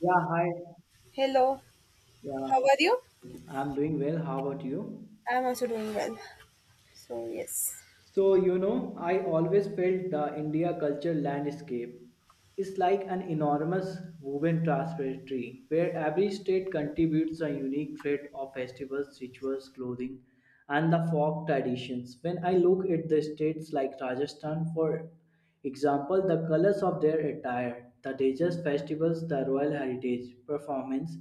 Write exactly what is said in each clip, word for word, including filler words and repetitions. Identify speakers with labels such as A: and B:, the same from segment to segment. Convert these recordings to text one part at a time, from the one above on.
A: Yeah, hi.
B: Hello,
A: Yeah,
B: how are you?
A: I'm doing well. How about you?
B: I'm also doing well. So, yes,
A: So, you know, I always felt the India culture landscape is like an enormous woven tapestry where every state contributes a unique thread of festivals, rituals, clothing, and the folk traditions. When I look at the states like Rajasthan, for example the colors of their attire, the religious festivals, the royal heritage performance,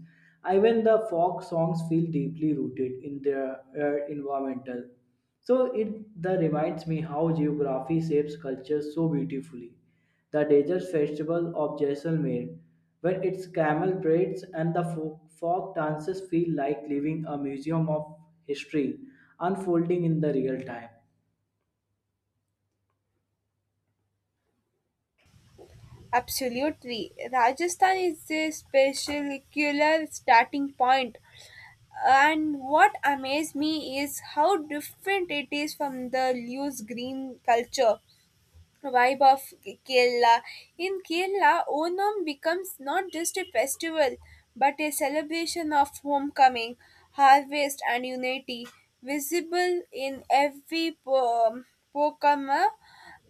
A: even the folk songs feel deeply rooted in their uh, environmental. So it the reminds me how geography shapes culture so beautifully. The desert festival of Jaisalmer, where its camel parades and the folk, folk dances feel like living a museum of history unfolding in the real time.
B: absolutely. Rajasthan is a spectacular starting point. And what amazed me is how different it is from the loose green culture vibe of Kerala. In Kerala, Onam becomes not just a festival but a celebration of homecoming, harvest, and unity, visible in every po- pokama,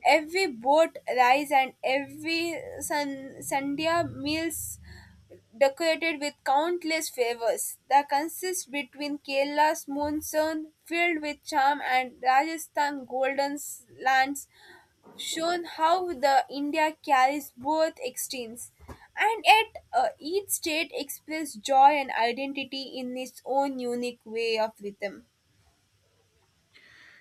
B: every boat rise, and every sun- sandhya meals decorated with countless flavors. The consist between Kerala's monsoon filled with charm and Rajasthan golden lands shown how the India carries both extremes, and yet uh, each state expresses joy and identity in its own unique way of rhythm.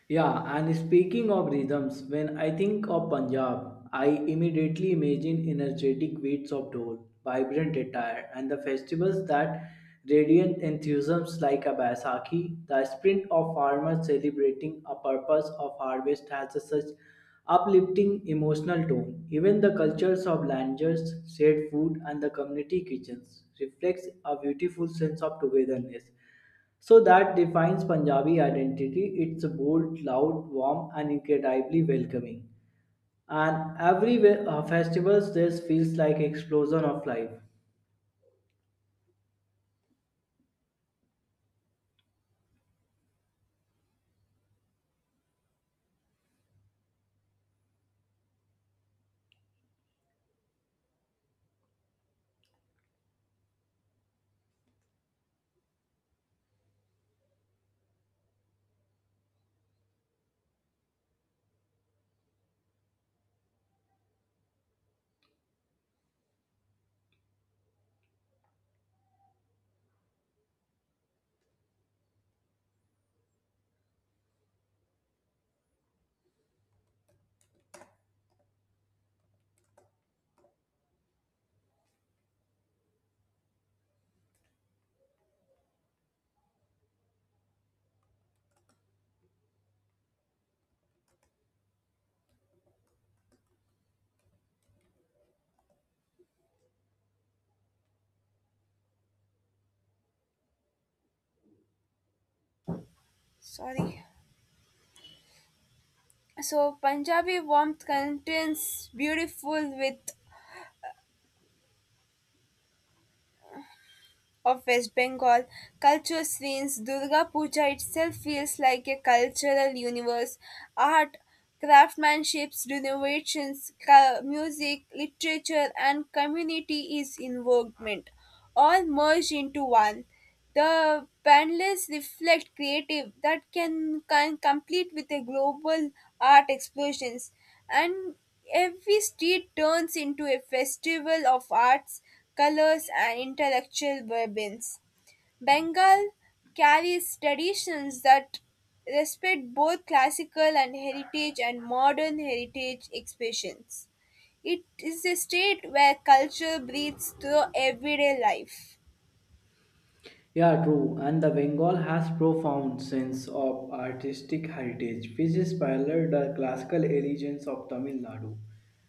A: Yeah, and speaking of rhythms, when I think of Punjab, I immediately imagine energetic beats of dhol, vibrant attire, and the festivals that radiant enthusiasms like a Baisakhi. The sprint of farmers celebrating a purpose of harvest has a such uplifting emotional tone. Even the cultures of landers, shared food, and the community kitchens reflects a beautiful sense of togetherness. So that defines Punjabi identity. It's bold, loud, warm, and incredibly welcoming. And every we- uh, festivals, this feels like explosion of life.
B: Sorry. So Punjabi warmth contains beautiful with of West Bengal culture scenes, Durga Puja itself feels like a cultural universe. Art, craftsmanships, renovations, ca- music, literature, and community is involvement all merged into one. The panels reflect creative that can, can complete with a global art explosions, and every street turns into a festival of arts, colors and intellectual ribbons. Bengal carries traditions that respect both classical and heritage and modern heritage expressions. It is a state where culture breathes through everyday life.
A: Yeah, true. And the Bengal has profound sense of artistic heritage, which is parallel the classical allegiance of Tamil Nadu.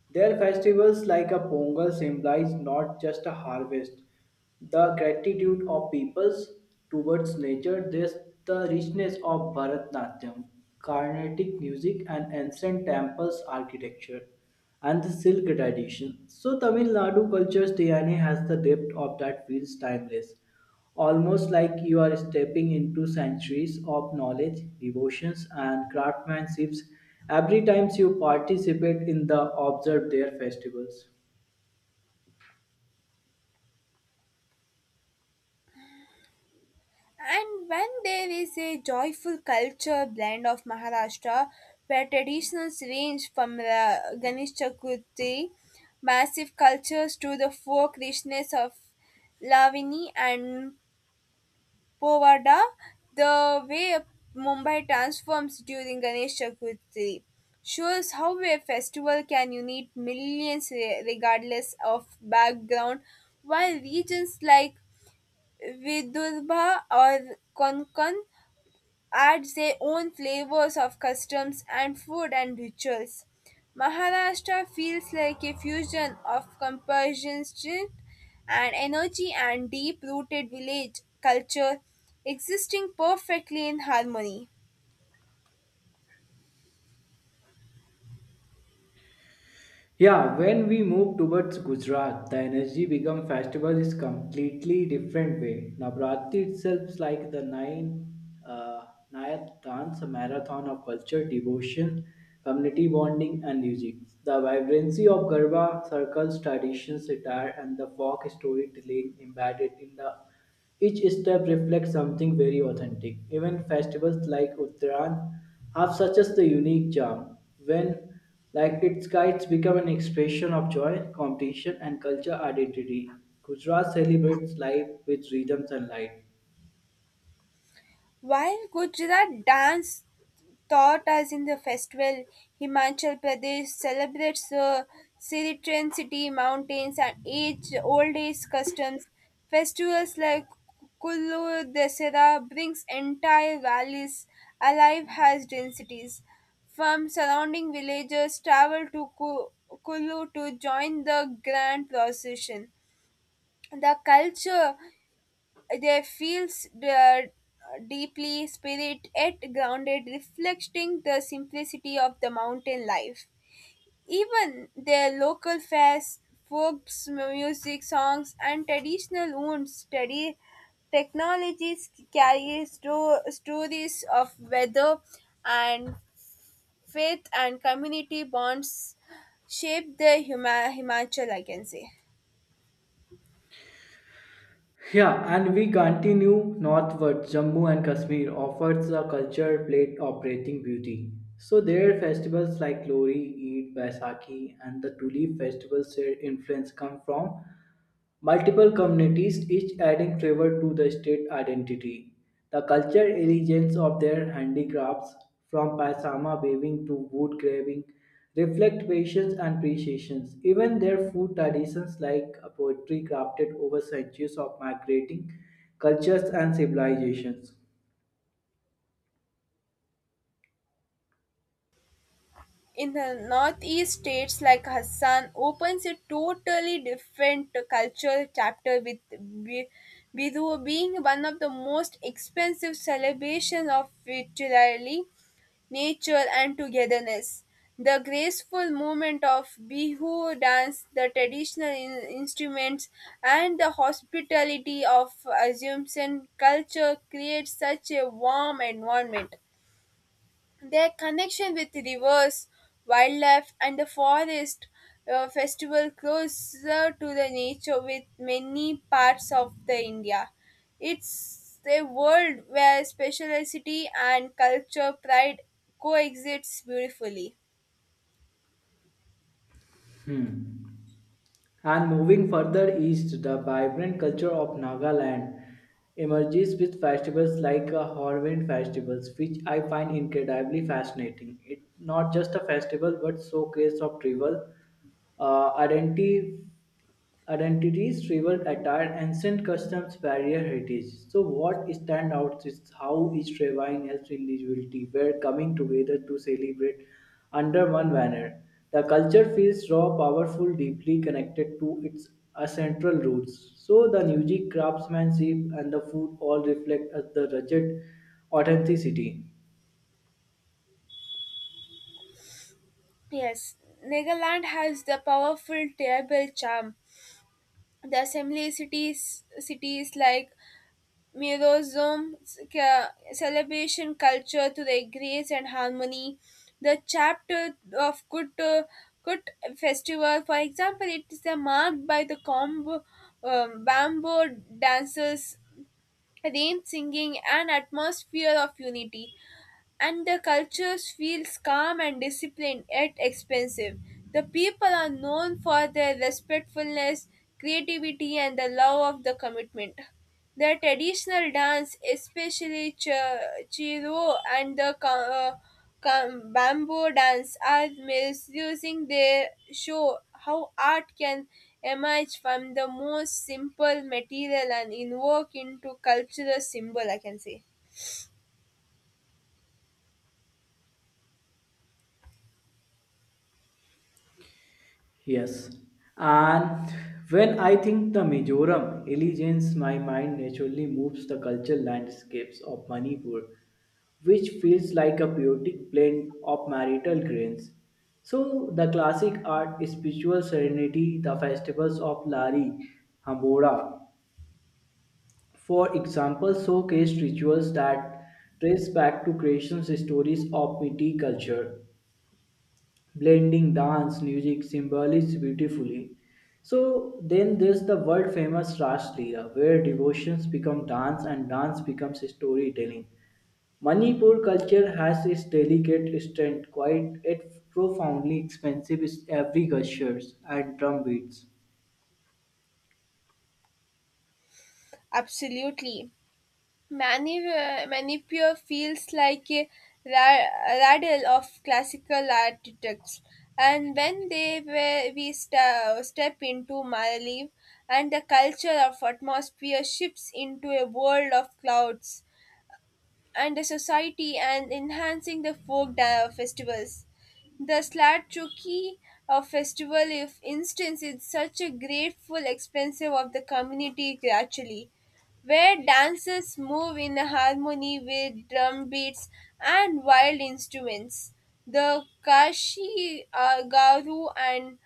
A: Their festivals like a Pongal symbolize not just a harvest, the gratitude of peoples towards nature, there's the richness of Bharatnatyam, Carnatic music and ancient temples architecture and the silk tradition. So Tamil Nadu culture's D N A has the depth of that feels timeless almost like you are stepping into centuries of knowledge, devotions, and craftsmanships every time you participate in the observe their festivals.
B: And when there is a joyful culture blend of Maharashtra, where traditions range from uh, Ganesh Chaturthi, massive cultures to the folk richness of Lavani and Povada, the way Mumbai transforms during Ganesh Chaturthi shows how a festival can unite millions re- regardless of background, while regions like Vidurba or Konkan adds their own flavors of customs and food and rituals. Maharashtra feels like a fusion of compassion and energy and deep rooted village culture existing perfectly in harmony.
A: Yeah, when we move towards Gujarat, the energy become festival is completely different way. Navratri itself is like the nine uh, Nayat dance, a marathon of culture, devotion, community bonding, and music. The vibrancy of Garba circles traditions, attire, and the folk storytelling embedded in the each step reflects something very authentic. Even festivals like Uttaran have such as the unique charm. When like its kites become an expression of joy, competition, and culture identity. Gujarat celebrates life with rhythms and light.
B: While Gujarat dance taught us in the festival. Himachal Pradesh celebrates the Siritran City mountains and age old age customs. Festivals like Kullu Dasera brings entire valleys alive as densities. From surrounding villages travel to Ku- Kullu to join the grand procession. The culture they feels the deeply spirit yet grounded, reflecting the simplicity of the mountain life. Even their local fairs, folks, music, songs, and traditional wounds study technologies carry sto- stories of weather and faith and community bonds shape the Hima- Himachal, I can say.
A: Yeah, and we continue northward. Jammu and Kashmir offers a culture plate operating beauty. So there are festivals like Lori, Eid, Baisakhi, and the Tulip festivals. Their influence come from multiple communities, each adding flavor to the state identity. The cultural elegance of their handicrafts, from paisama weaving to wood carving, reflect patience and appreciation. Even their food traditions, like poetry crafted over centuries of migrating cultures and civilizations.
B: In the northeast states like Assam opens a totally different cultural chapter with Bi- Bihu being one of the most expensive celebrations of fertility, nature and togetherness. The graceful movement of Bihu dance, the traditional in- instruments, and the hospitality of Assumption culture creates such a warm environment. Their connection with rivers, wildlife, and the forest uh, festival closer to the nature with many parts of the India. It's a world where speciality and culture pride coexists beautifully.
A: Hmm. And moving further east, the vibrant culture of Nagaland emerges with festivals like a Hornbill festivals, which I find incredibly fascinating. It's not just a festival but showcase of tribal uh, identity identities travel attire ancient customs barrier heritage. So what stands out is how each tribe helps individuality were coming together to celebrate under one banner. The culture feels raw powerful deeply connected to its central roots. So the music craftsmanship and the food all reflect as the rugged authenticity.
B: Yes, Nagaland has the powerful tribal charm. The assembly cities cities like Mirozum ca- celebration culture to their grace and harmony. The chapter of Kut, Kut festival, for example, it is uh, marked by the combo, um, bamboo dancers, rain singing, and atmosphere of unity, and the cultures feels calm and disciplined yet expensive. The people are known for their respectfulness, creativity, and the love of the commitment. The traditional dance, especially ch- chiro and the ca- uh, ca- bamboo dance, are misusing their show how art can emerge from the most simple material and invoke into cultural symbol, I can say.
A: Yes, and when I think the Mizoram allegiance, my mind naturally moves the cultural landscapes of Manipur, which feels like a poetic blend of marital grains. So the classic art, spiritual serenity, the festivals of Lari, Hambora, for example, showcase rituals that trace back to creation stories of Metis culture blending dance, music, symbolism beautifully. So then there's the world famous Ras Leela, where devotions become dance and dance becomes storytelling. Manipur culture has its delicate strength, quite yet profoundly expensive is every gestures and drum beats.
B: Absolutely. Mani- uh, Manipur feels like a ra- rattle of classical artifacts. And when they were, we sta step into Maldives, and the culture of atmosphere shifts into a world of clouds and the society and enhancing the folk da- festivals. The Slatchuki uh, festival, if instance, is such a grateful expensive of the community actually, where dancers move in harmony with drum beats and wild instruments. The Kashi uh, Garu and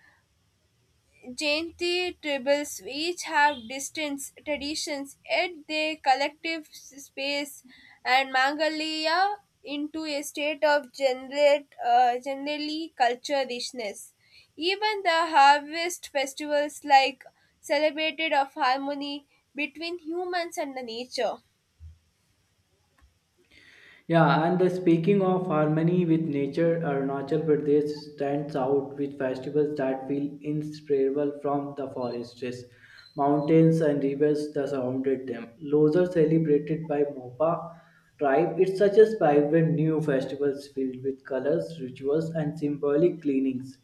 B: Jainti tribes each have distinct traditions, yet they collective space and Mangalia into a state of generate, uh, generally culture richness. Even the harvest festivals like celebrated of harmony between humans and the nature.
A: Yeah, and the speaking of harmony with nature, Arunachal Pradesh stands out with festivals that feel inseparable from the forests, mountains, and rivers that surrounded them. Those are celebrated by Mopa tribe. It's such a vibrant new festivals filled with colors, rituals, and symbolic cleanings.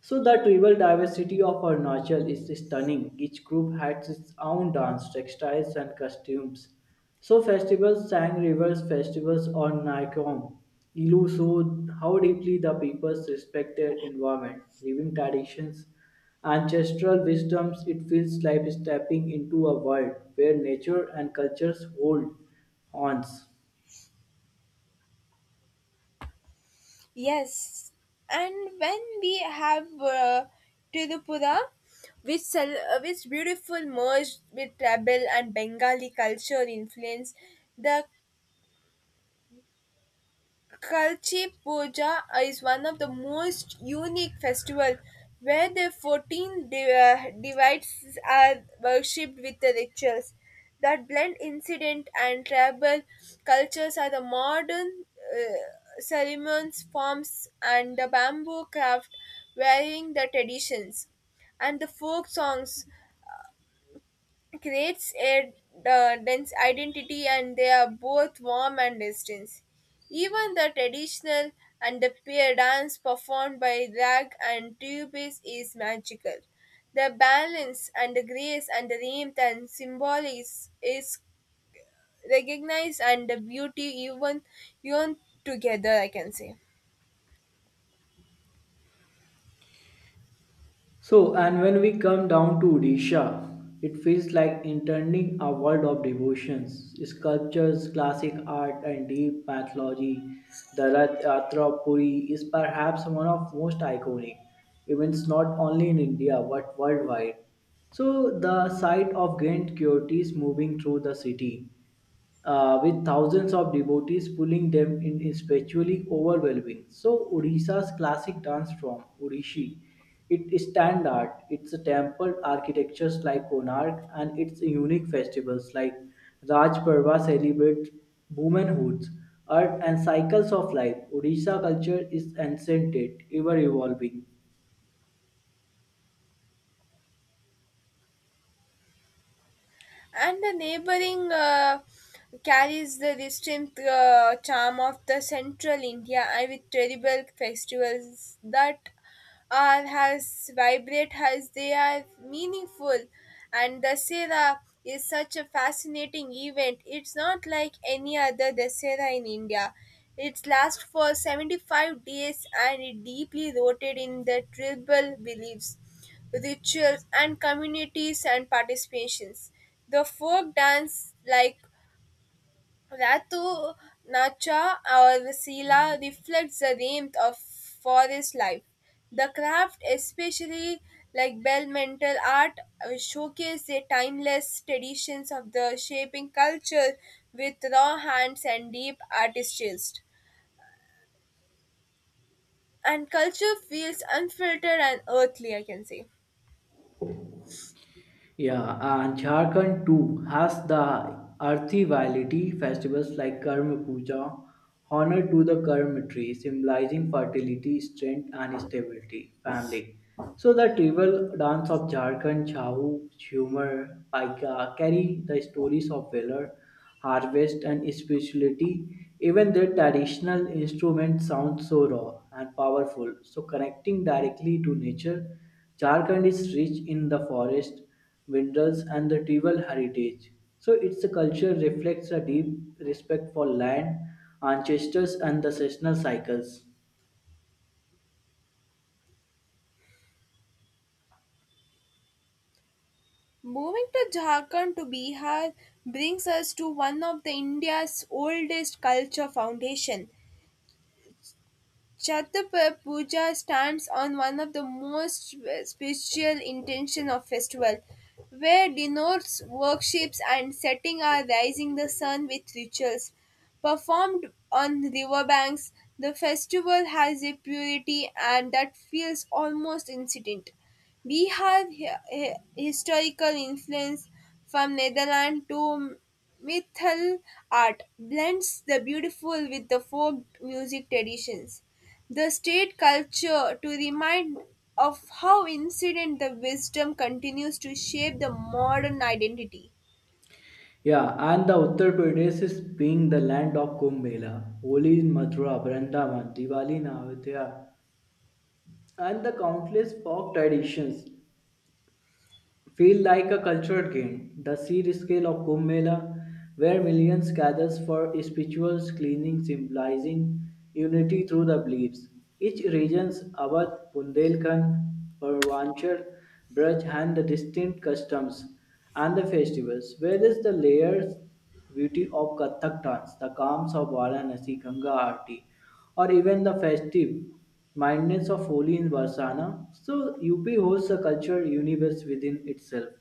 A: So the tribal diversity of Arunachal is stunning. Each group has its own dance, textiles, and costumes. So festivals, Sang Rivers festivals on Naikom, Ilu showed how deeply the peoples respect their environment, living traditions, ancestral wisdoms. It feels like stepping into a world where nature and cultures hold ons.
B: Yes, and when we have uh, Tirupura, which cel- uh, which beautiful merged with tribal and Bengali culture influence, the Kalchi Puja is one of the most unique festival where the fourteen div- uh, divides are worshipped with the rituals that blend incident and tribal cultures are the modern uh, ceremonies forms and the bamboo craft wearing the traditions and the folk songs creates a uh, dense identity and they are both warm and distant. Even the traditional and the peer dance performed by rag and tubis is magical. The balance and the grace and the rhythm and symbol is, is recognized and the beauty even, even together, I can say.
A: So, and when we come down to Odisha, it feels like entering a world of devotions, sculptures, classic art, and deep mythology. The Rath Yatra of Puri is perhaps one of most iconic events not only in India but worldwide. So, the sight of Grand devotees moving through the city uh, with thousands of devotees pulling them in is spiritually overwhelming. So Odisha's classic dance form, Odishi, it is standard, it's temple architectures like Konark and its unique festivals like Raj Parva celebrate womanhoods, earth and cycles of life. Odisha culture is ancient, ever evolving.
B: And the neighboring uh, carries the distinct uh, charm of the central India and with terrible festivals that are as vibrant as they are meaningful. And Dasera is such a fascinating event. It's not like any other Dasera in India. It lasts for seventy-five days and it deeply rooted in the tribal beliefs rituals, and communities and participations. The folk dance like Ratu Nacha or Sila reflects the warmth of forest life. The craft, especially like bell mental art, uh, showcase the timeless traditions of the shaping culture with raw hands and deep artist taste. And culture feels unfiltered and earthly, I can say.
A: Yeah, and Jharkhand too has the earthy variety festivals like Karma Puja, honor to the Karma tree, symbolizing fertility, strength, and stability, family. So the tribal dance of Jharkhand, Chahu, Humor, Paika carry the stories of valor, harvest, and spirituality. Even their traditional instruments sound so raw and powerful, so connecting directly to nature. Jharkhand is rich in the forest minerals, and the tribal heritage. So its culture reflects a deep respect for land, ancestors, and the seasonal cycles.
B: Moving to Jharkhand to Bihar brings us to one of the India's oldest culture foundation. Chhatrapati Puja stands on one of the most spiritual intention of festival, where denotes worships and setting are rising the sun with rituals. Performed on riverbanks, the festival has a purity and that feels almost incident. We have hi- hi- historical influence from Netherlands to mythal art, blends the beautiful with the folk music traditions. The state culture to remind of how incident the wisdom continues to shape the modern identity.
A: Yeah, and the Uttar Pradesh is being the land of Kumbh Mela, Holi in Mathura, Vrindavan, Diwali in Ayodhya, and the countless folk traditions feel like a cultural gain. The sheer scale of Kumbh Mela, where millions gathers for spiritual cleansing, symbolizing unity through the beliefs. Each region's Awadh, Bundelkhand, Purvanchal, Braj, and the distinct customs and the festivals. Whereas the layers beauty of Kathak dance, the calms of Varanasi Ganga Aarti, or even the festive mindness of Holi in Varsana. So U P holds a cultural universe within itself.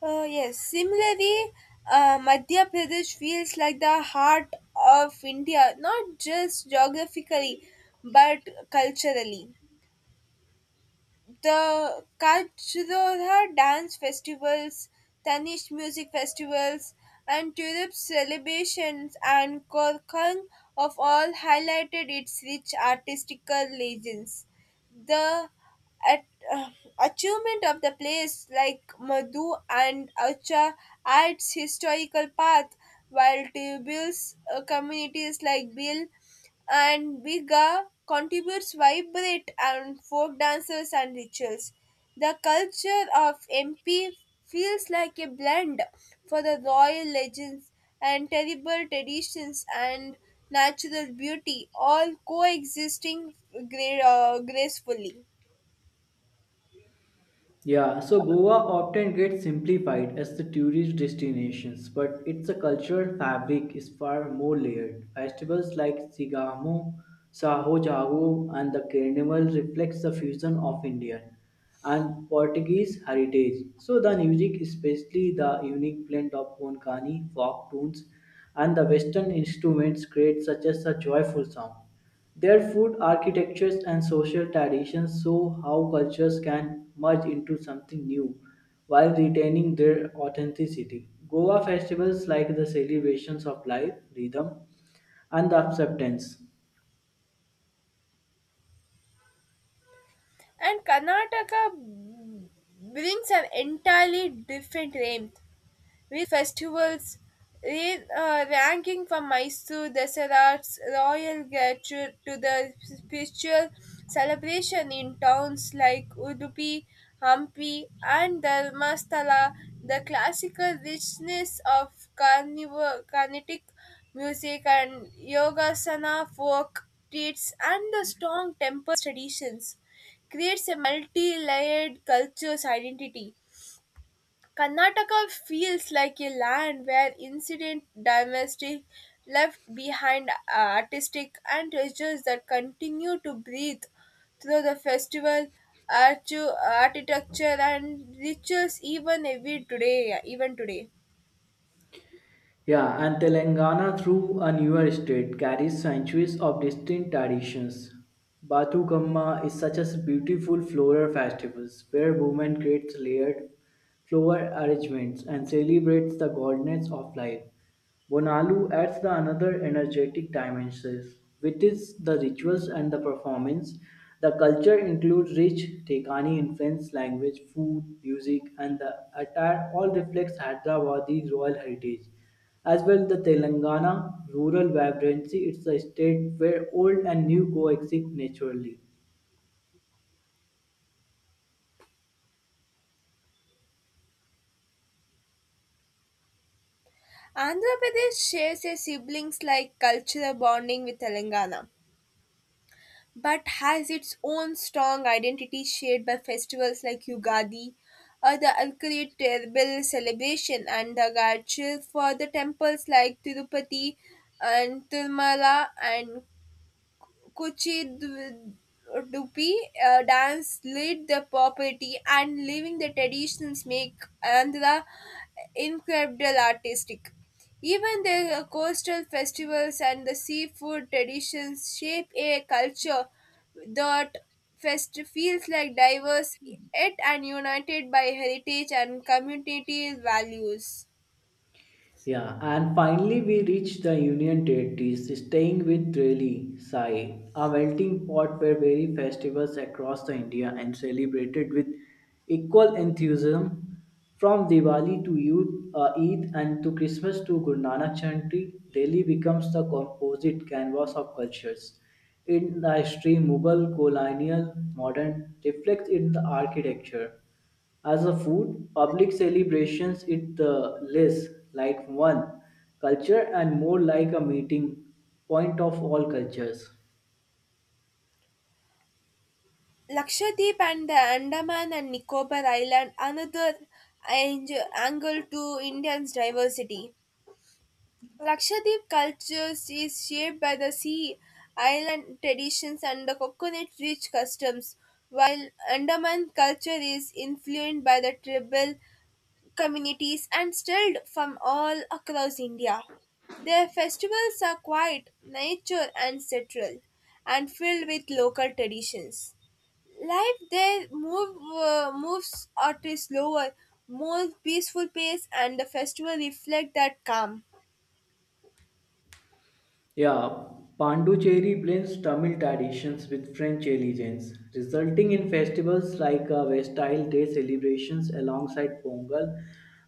B: Uh, yes, similarly, uh, Madhya Pradesh feels like the heart of India, not just geographically but culturally. The Kajdoha dance festivals, Tanishq music festivals, and tulip celebrations and Korkang of all highlighted its rich artistical legends. The at, uh, achievement of the place like Madhu and Acha adds historical path while tribal uh, communities like Bill and Biga contributes vibrant and folk dances and rituals. The culture of M P feels like a blend for the royal legends and terrible traditions and natural beauty, all coexisting gra- uh, gracefully.
A: Yeah, so Goa often gets simplified as the tourist destinations, but its a cultural fabric is far more layered. Festivals like Sigamo, Saho Jago, and the Carnival reflects the fusion of Indian and Portuguese heritage. So the music, especially the unique blend of Konkani folk tunes and the Western instruments, creates such as a joyful sound. Their food, architectures, and social traditions show how cultures can merge into something new while retaining their authenticity. Goa festivals, like the celebrations of life, rhythm, and the acceptance.
B: And Karnataka brings an entirely different range. We festivals re, uh, ranking from Mysore Deserats Royal Gratuit to the spiritual celebration in towns like Udupi, Hampi, and Dharmasthala. The classical richness of carnival, carnatic music and yogasana folk treats and the strong temple traditions creates a multi-layered culture's identity. Karnataka feels like a land where incident domestic left behind uh, artistic and treasures that continue to breathe through the festival archu- architecture and rituals even every today even today.
A: Yeah, and Telangana, through a newer state, carries centuries of distinct traditions. Bathukamma is such a beautiful floral festival where women create layered flower arrangements and celebrates the goddess of life. Bonalu adds the another energetic dimensions, which is the rituals and the performance. The culture includes rich Tekani influence, language, food, music, and the attire all reflects Hyderabadi royal heritage. As well, the Telangana rural vibrancy, it's a state where old and new coexist naturally.
B: Andhra Pradesh shares a siblings like cultural bonding with Telangana but has its own strong identity shared by festivals like Yugadi, or the Alkali Terrible celebration, and the Garchil for the temples like Tirupati and Tirumala and Kuchidupi uh, dance lead the property and leaving the traditions make Andhra incredible artistic. Even the coastal festivals and the seafood traditions shape a culture that fest- feels like diverse yet and united by heritage and community values.
A: Yeah, and finally we reach the Union Territories, staying with Reli Sai, a melting pot where various festivals across the India and celebrated with equal enthusiasm from Diwali to Eid, uh, Eid and to Christmas to Guru Nanak Jayanti, Delhi becomes the composite canvas of cultures. In the history, Mughal, colonial, modern reflects in the architecture as a food, public celebrations it uh, less like one culture and more like a meeting point of all cultures.
B: Lakshadweep and the Andaman and Nicobar Island another ang- angle to India's diversity. Lakshadweep culture is shaped by the sea island traditions and the coconut rich customs, while Andaman culture is influenced by the tribal communities and stirred from all across India. Their festivals are quiet, nature and central, and filled with local traditions. Life there move uh, moves at a slower more peaceful pace and the festival reflect that calm.
A: Yeah, Pondicherry blends Tamil traditions with French elegance, resulting in festivals like uh, Vestile Day celebrations alongside Pongal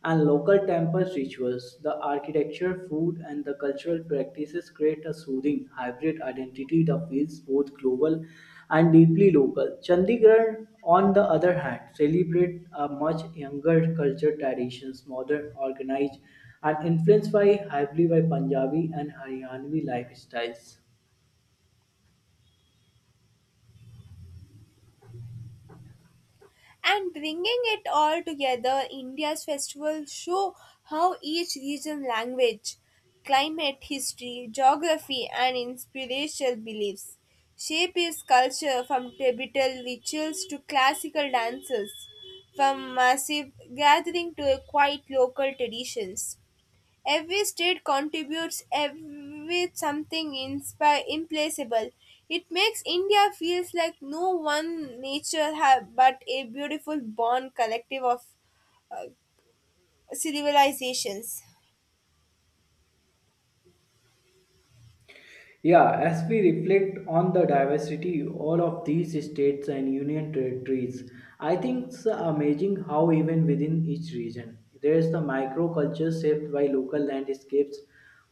A: and local temple rituals. The architecture, food, and the cultural practices create a soothing hybrid identity that feels both global and deeply local. Chandigarh, on the other hand, celebrate a much younger culture traditions, modern, organized and influenced by heavily by Punjabi and Haryanvi lifestyles.
B: And bringing it all together, india's festivals show how each region language climate history geography and inspirational beliefs shape its culture from tribal rituals to classical dances, from massive gathering to a quiet local traditions. Every street contributes ev- with something inspi- implacable. It makes India feels like no one nature ha- but a beautiful bond collective of uh, civilizations.
A: Yeah, as we reflect on the diversity all of these states and union territories, I think it's amazing how even within each region there is the microculture shaped by local landscapes.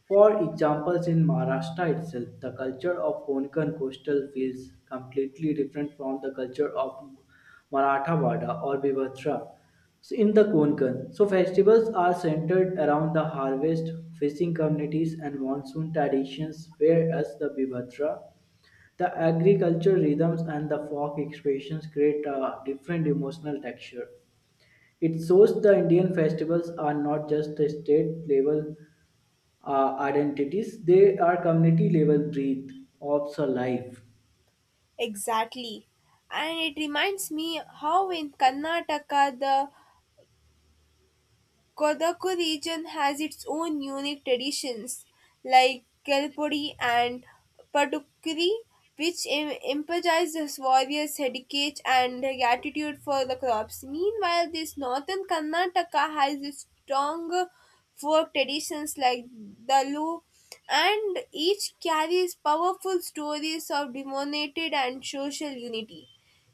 A: For examples, in Maharashtra itself, the culture of Konkan coastal feels completely different from the culture of Marathawada or Vivatra. So in the Konkan, so festivals are centered around the harvest, fishing communities, and monsoon traditions, whereas the Bibhatra, the agricultural rhythms, and the folk expressions create a different emotional texture. It shows the Indian festivals are not just a state level uh, identities, they are community level breath of the life.
B: Exactly. And it reminds me how in Karnataka the Kodagu region has its own unique traditions, like Kelpodi and Padukkiri, which em- emphasizes warriors' heritage and gratitude for the crops. Meanwhile, this northern Karnataka has its stronger folk traditions like Dalu, and each carries powerful stories of demonstrated and social unity.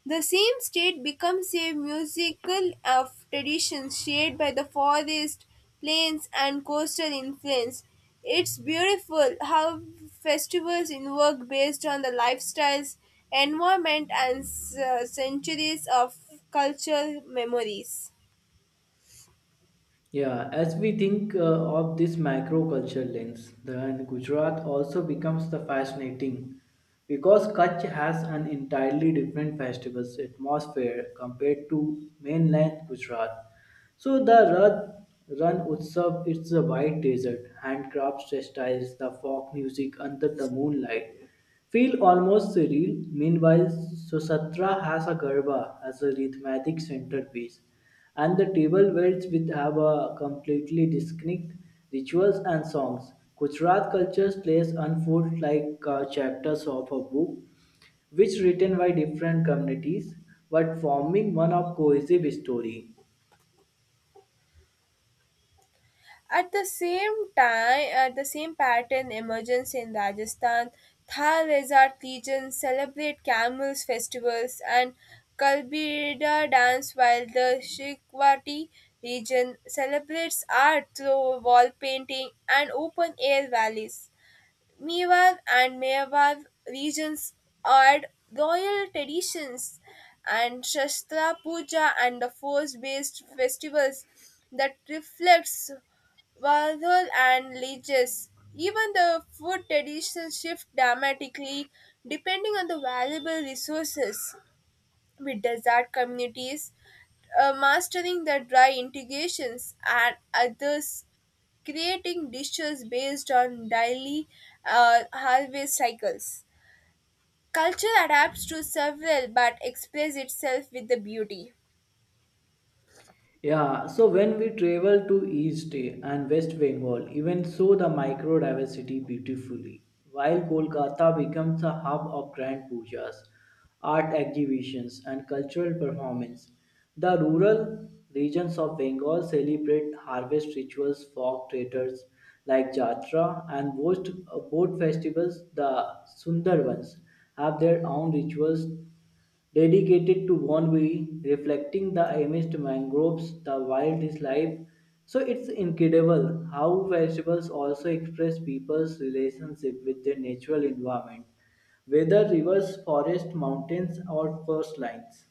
B: The same state becomes a musical of traditions shaped by the forest, plains, and coastal influence. It's beautiful how festivals work based on the lifestyles, environment, and uh, centuries of cultural memories.
A: Yeah, as we think uh, of this macro culture lens, then Gujarat also becomes the fascinating because Kutch has an entirely different festival's atmosphere compared to mainland Gujarat. So the Rath Run Utsav, it's a white desert, handcrafts textiles, the folk music under the moonlight, feel almost surreal. Meanwhile, Sochatra has a Garba as a rhythmic centerpiece, and the table waits with have a completely distinct rituals and songs. Gujarat cultures plays unfold like uh, chapters of a book, which written by different communities, but forming one of cohesive story.
B: At the same time, at the same pattern emerges in Rajasthan, Thar Rezat legions celebrate camels festivals and Kalbida dance while the Shikwati region celebrates art through wall painting and open air valleys. Mewar and Mewar regions had royal traditions and Shastra Puja and the force-based festivals that reflects Warhol and Leges. Even the food traditions shift dramatically depending on the valuable resources with desert communities, uh, mastering the dry integrations and others creating dishes based on daily uh, harvest cycles. Culture adapts to several but expresses itself with the beauty.
A: Yeah, so when we travel to East and West Bengal, even so the microdiversity beautifully. While Kolkata becomes a hub of grand pujas, art exhibitions, and cultural performance, the rural regions of Bengal celebrate harvest rituals, folk theatres like Jatra, and boat, boat festivals, the Sundarbans, have their own rituals dedicated to Bonbury, reflecting the amidst mangroves, the wild is life. So it's incredible how vegetables also express people's relationship with their natural environment, whether rivers, forests, mountains, or coastlines.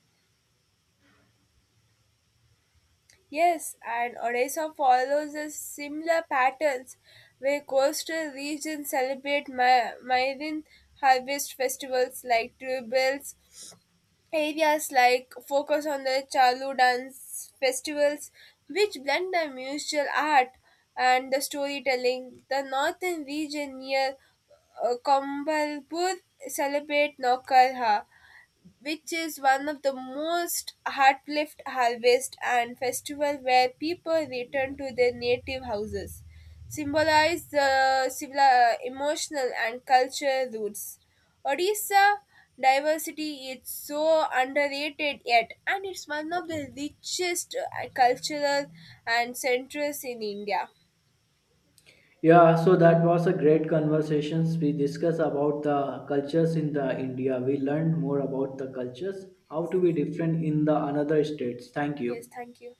B: Yes, and Odisha follows a similar patterns where coastal regions celebrate ma- marine harvest festivals like tribals areas like focus on the Chalu dance festivals, which blend the musical art and the storytelling. The northern region near uh, Kombalpur celebrate Naukarha, which is one of the most heart-lift harvest and festival where people return to their native houses, symbolize the civil, uh, emotional and cultural roots. Odisha diversity is so underrated yet, and it's one of the richest uh, cultural and centers in India.
A: Yeah, so that was a great conversation. We discussed about the cultures in the India. We learned more about the cultures, how to be different in the another states. Thank
B: Yes,
A: you.
B: thank you.